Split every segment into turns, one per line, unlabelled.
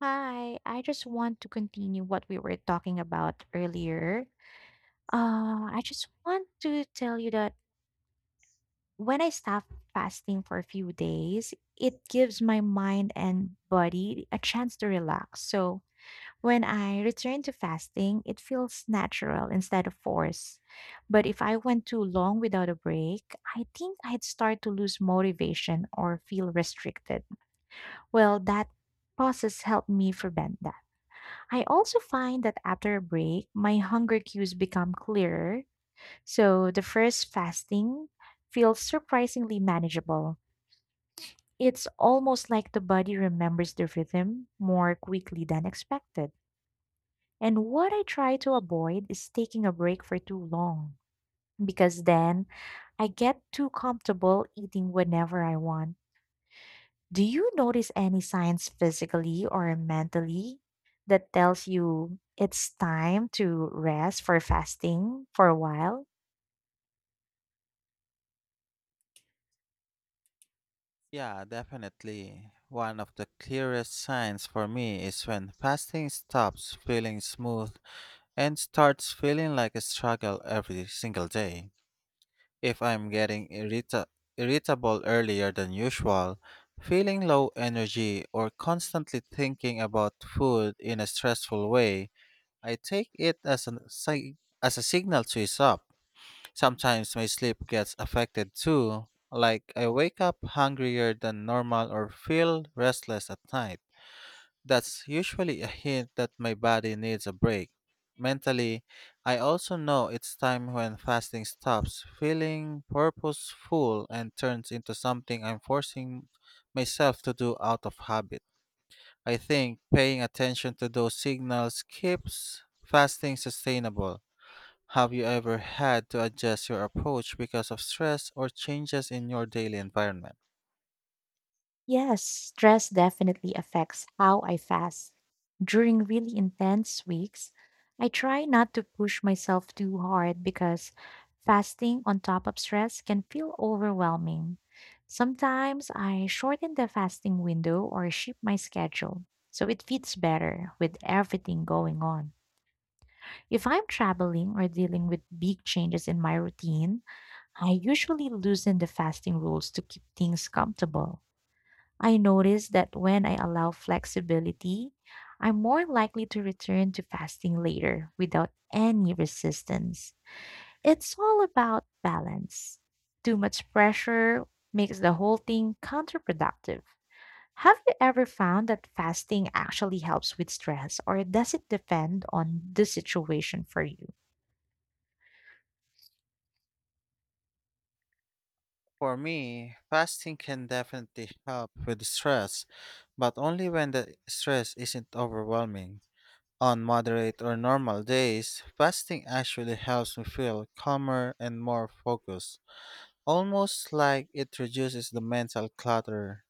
Hi, I just want to continue what we were talking about earlier. I just want to tell you that when I stop fasting for a few days, it gives my mind and body a chance to relax. So when I return to fasting, it feels natural instead of forced. But if I went too long without a break, I think I'd start to lose motivation or feel restricted. Well, that process helped me prevent that. I also find that after a break, my hunger cues become clearer, so the first fasting feels surprisingly manageable. It's almost like the body remembers the rhythm more quickly than expected. And what I try to avoid is taking a break for too long, because then I get too comfortable eating whenever I want. Do you notice any signs physically or mentally that tells you it's time to rest for fasting for a while?
Yeah, definitely. One of the clearest signs for me is when fasting stops feeling smooth and starts feeling like a struggle every single day. If I'm getting irritable earlier than usual, feeling low energy, or constantly thinking about food in a stressful way, I take it as as a signal to ease up. Sometimes my sleep gets affected too, like I wake up hungrier than normal or feel restless at night. That's usually a hint that my body needs a break. Mentally, I also know it's time when fasting stops feeling purposeful and turns into something I'm forcing myself to do out of habit. I think paying attention to those signals keeps fasting sustainable. Have you ever had to adjust your approach because of stress or changes in your daily environment?
Yes, stress definitely affects how I fast. During really intense weeks, I try not to push myself too hard because fasting on top of stress can feel overwhelming. Sometimes I shorten the fasting window or shift my schedule so it fits better with everything going on. If I'm traveling or dealing with big changes in my routine, I usually loosen the fasting rules to keep things comfortable. I notice that when I allow flexibility, I'm more likely to return to fasting later without any resistance. It's all about balance. Too much pressure makes the whole thing counterproductive. Have you ever found that fasting actually helps with stress, or does it depend on the situation for you?
For me, fasting can definitely help with stress, but only when the stress isn't overwhelming. On moderate or normal days, fasting actually helps me feel calmer and more focused, almost like it reduces the mental clutter.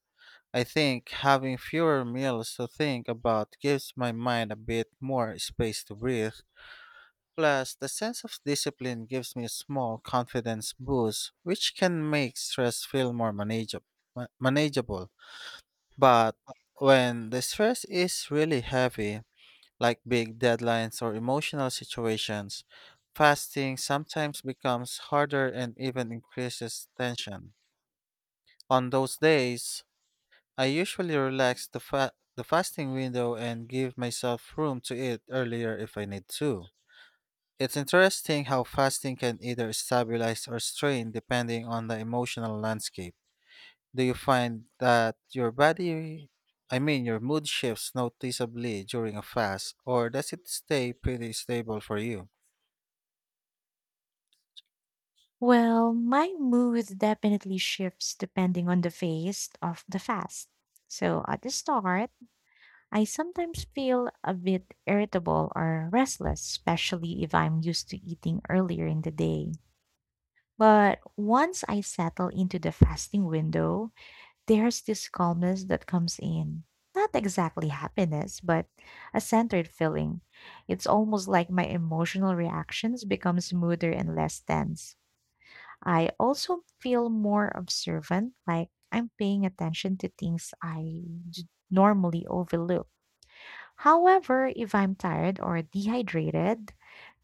I think having fewer meals to think about gives my mind a bit more space to breathe. Plus, the sense of discipline gives me a small confidence boost, which can make stress feel more manageable. But when the stress is really heavy, like big deadlines or emotional situations, fasting sometimes becomes harder and even increases tension. On those days, I usually relax the fasting window and give myself room to eat earlier if I need to. It's interesting how fasting can either stabilize or strain depending on the emotional landscape. Do you find that your body, I mean, your mood shifts noticeably during a fast, or does it stay pretty stable for you?
Well, my mood definitely shifts depending on the phase of the fast. So at the start, I sometimes feel a bit irritable or restless, especially if I'm used to eating earlier in the day. But once I settle into the fasting window, there's this calmness that comes in. Not exactly happiness, but a centered feeling. It's almost like my emotional reactions become smoother and less tense. I also feel more observant, like I'm paying attention to things I normally overlook. However, if I'm tired or dehydrated,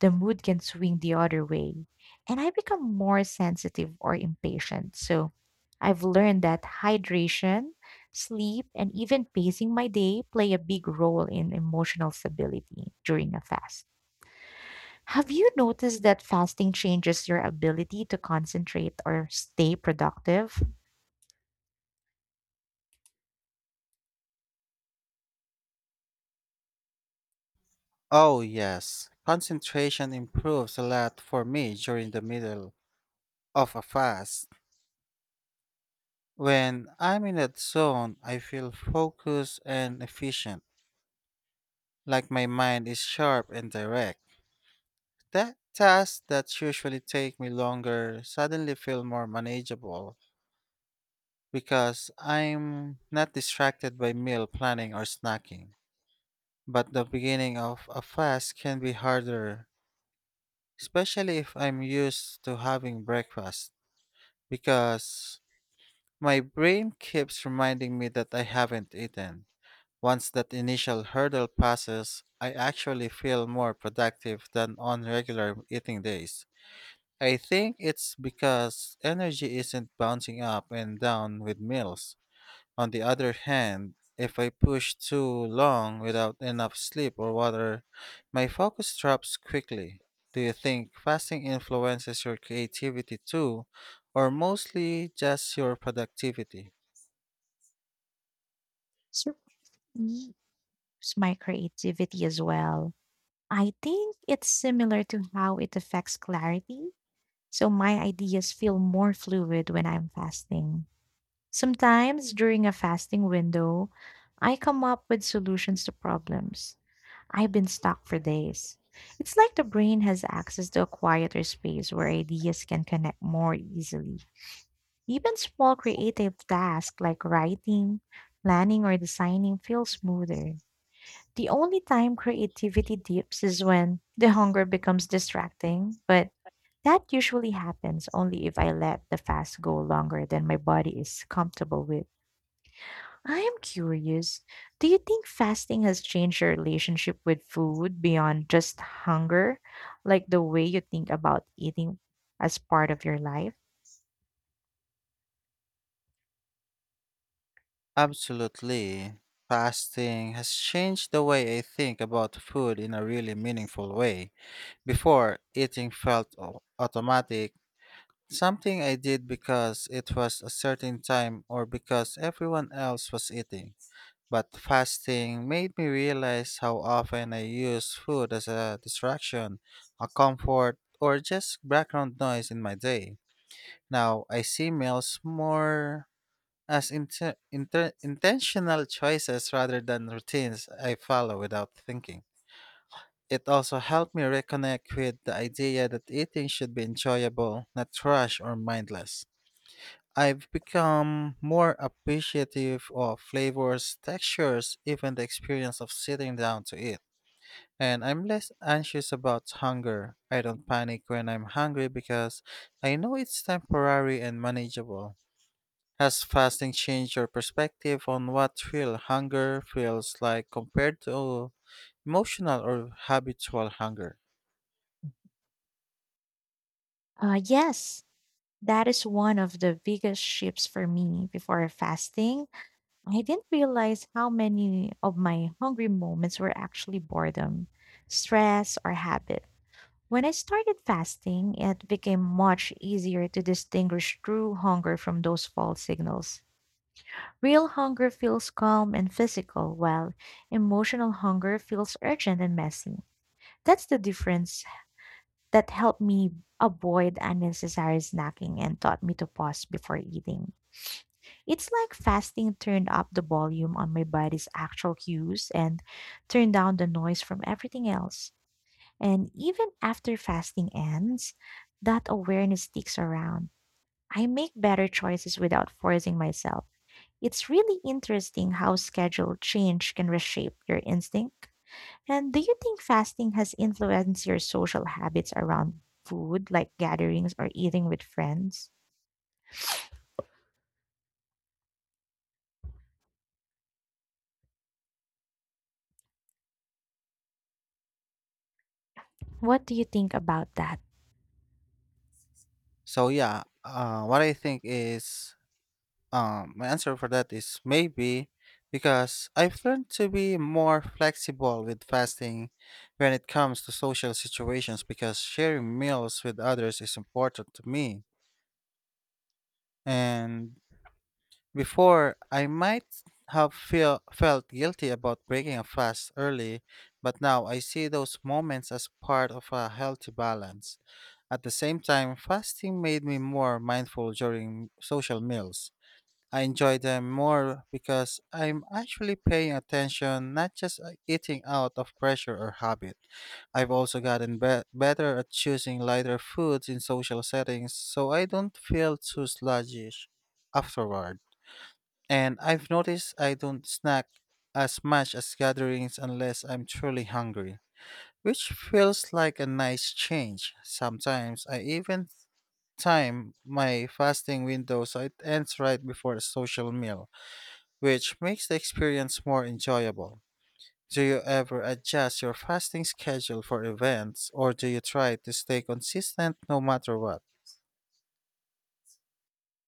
the mood can swing the other way, and I become more sensitive or impatient. So I've learned that hydration, sleep, and even pacing my day play a big role in emotional stability during a fast. Have you noticed that fasting changes your ability to concentrate or stay productive?
Oh, yes. Concentration improves a lot for me during the middle of a fast. When I'm in that zone, I feel focused and efficient, like my mind is sharp and direct. That tasks that usually take me longer suddenly feel more manageable because I'm not distracted by meal planning or snacking. But the beginning of a fast can be harder, especially if I'm used to having breakfast, because my brain keeps reminding me that I haven't eaten. Once that initial hurdle passes, I actually feel more productive than on regular eating days. I think it's because energy isn't bouncing up and down with meals. On the other hand, if I push too long without enough sleep or water, my focus drops quickly. Do you think fasting influences your creativity too, or mostly just your productivity?
Certainly, it's my creativity as well. I think it's similar to how it affects clarity. So my ideas feel more fluid when I'm fasting. Sometimes during a fasting window, I come up with solutions to problems I've been stuck for days. It's like the brain has access to a quieter space where ideas can connect more easily. Even small creative tasks like writing, planning, or designing feel smoother. The only time creativity dips is when the hunger becomes distracting, but that usually happens only if I let the fast go longer than my body is comfortable with. I am curious. Do you think fasting has changed your relationship with food beyond just hunger, like the way you think about eating as part of your life?
Absolutely. Fasting has changed the way I think about food in a really meaningful way. Before, eating felt automatic. Something I did because it was a certain time or because everyone else was eating. But fasting made me realize how often I use food as a distraction, a comfort, or just background noise in my day. Now I see meals more as intentional choices rather than routines I follow without thinking. It also helped me reconnect with the idea that eating should be enjoyable, not rushed or mindless. I've become more appreciative of flavors, textures, even the experience of sitting down to eat. And I'm less anxious about hunger. I don't panic when I'm hungry because I know it's temporary and manageable. Has fasting changed your perspective on what real hunger feels like compared to emotional or habitual hunger?
Yes, that is one of the biggest shifts for me. Before fasting, I didn't realize how many of my hungry moments were actually boredom, stress, or habit. When I started fasting, it became much easier to distinguish true hunger from those false signals. Real hunger feels calm and physical, while emotional hunger feels urgent and messy. That's the difference that helped me avoid unnecessary snacking and taught me to pause before eating. It's like fasting turned up the volume on my body's actual cues and turned down the noise from everything else. And even after fasting ends, that awareness sticks around. I make better choices without forcing myself. It's really interesting how schedule change can reshape your instinct. And do you think fasting has influenced your social habits around food, like gatherings or eating with friends? What do you think about that?
So, yeah, what I think is— my answer for that is maybe, because I've learned to be more flexible with fasting when it comes to social situations, because sharing meals with others is important to me. And before I might felt guilty about breaking a fast early, but now I see those moments as part of a healthy balance. At the same time, fasting made me more mindful during social meals. I enjoy them more because I'm actually paying attention, not just eating out of pressure or habit. I've also gotten better at choosing lighter foods in social settings so I don't feel too sluggish afterward. And I've noticed I don't snack as much as gatherings unless I'm truly hungry, which feels like a nice change. Sometimes I even time my fasting window so it ends right before a social meal, which makes the experience more enjoyable. Do you ever adjust your fasting schedule for events, or do you try to stay consistent no matter what?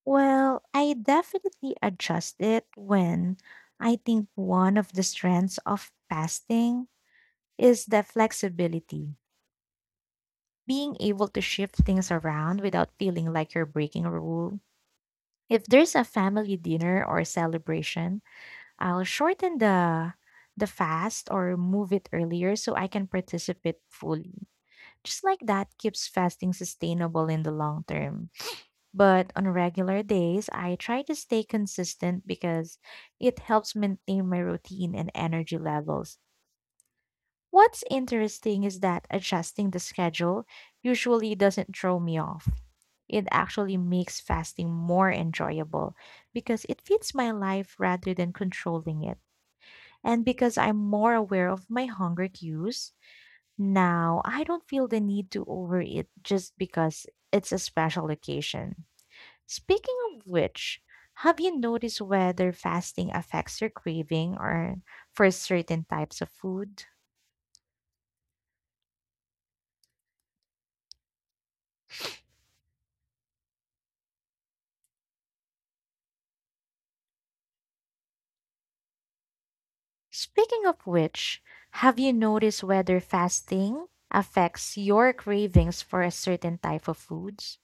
Well, I definitely adjust it. When I think one of the strengths of fasting is the flexibility, being able to shift things around without feeling like you're breaking a rule. If there's a family dinner or celebration, I'll shorten the fast or move it earlier so I can participate fully. Just like that keeps fasting sustainable in the long term. But on regular days, I try to stay consistent because it helps maintain my routine and energy levels. What's interesting is that adjusting the schedule usually doesn't throw me off. It actually makes fasting more enjoyable because it fits my life rather than controlling it. And because I'm more aware of my hunger cues, now I don't feel the need to overeat just because it's a special occasion. Speaking of which, have you noticed whether fasting affects your craving or for certain types of food? Speaking of which, have you noticed whether fasting affects your cravings for a certain type of foods?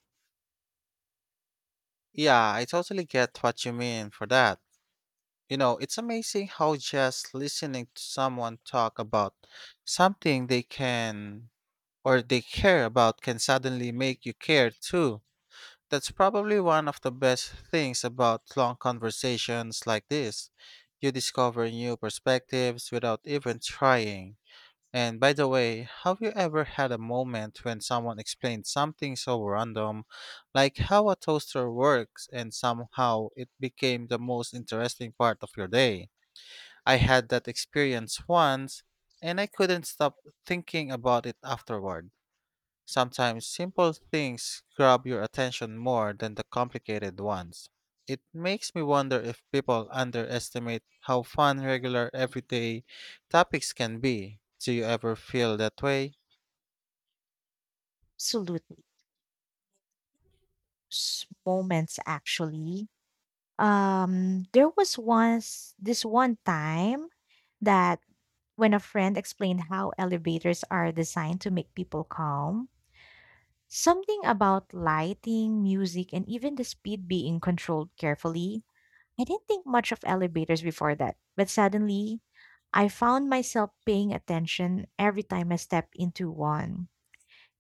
Yeah, I totally get what you mean for that. You know, it's amazing how just listening to someone talk about something they can or they care about can suddenly make you care too. That's probably one of the best things about long conversations like this. You discover new perspectives without even trying. And by the way, have you ever had a moment when someone explained something so random, like how a toaster works, and somehow it became the most interesting part of your day? I had that experience once, and I couldn't stop thinking about it afterward. Sometimes simple things grab your attention more than the complicated ones. It makes me wonder if people underestimate how fun regular everyday topics can be. Do you ever feel that way?
Absolutely. Moments actually. There was once this one time that when a friend explained how elevators are designed to make people calm, something about lighting, music, and even the speed being controlled carefully. I didn't think much of elevators before that, but suddenly I found myself paying attention every time I step into one.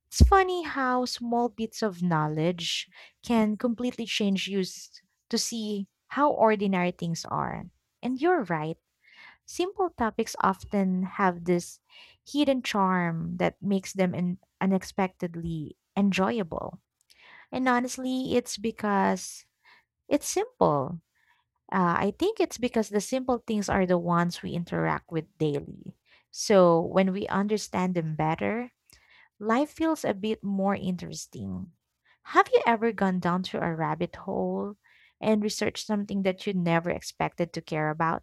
It's funny how small bits of knowledge can completely change to see how ordinary things are. And you're right, simple topics often have this hidden charm that makes them unexpectedly enjoyable. And honestly, it's because it's simple. I think it's because the simple things are the ones we interact with daily. So when we understand them better, life feels a bit more interesting. Have you ever gone down to a rabbit hole and researched something that you never expected to care about?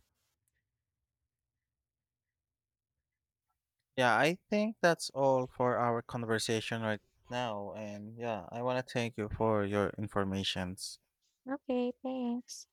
Yeah, I think that's all for our conversation right now. And yeah, I want to thank you for your informations.
Okay, thanks.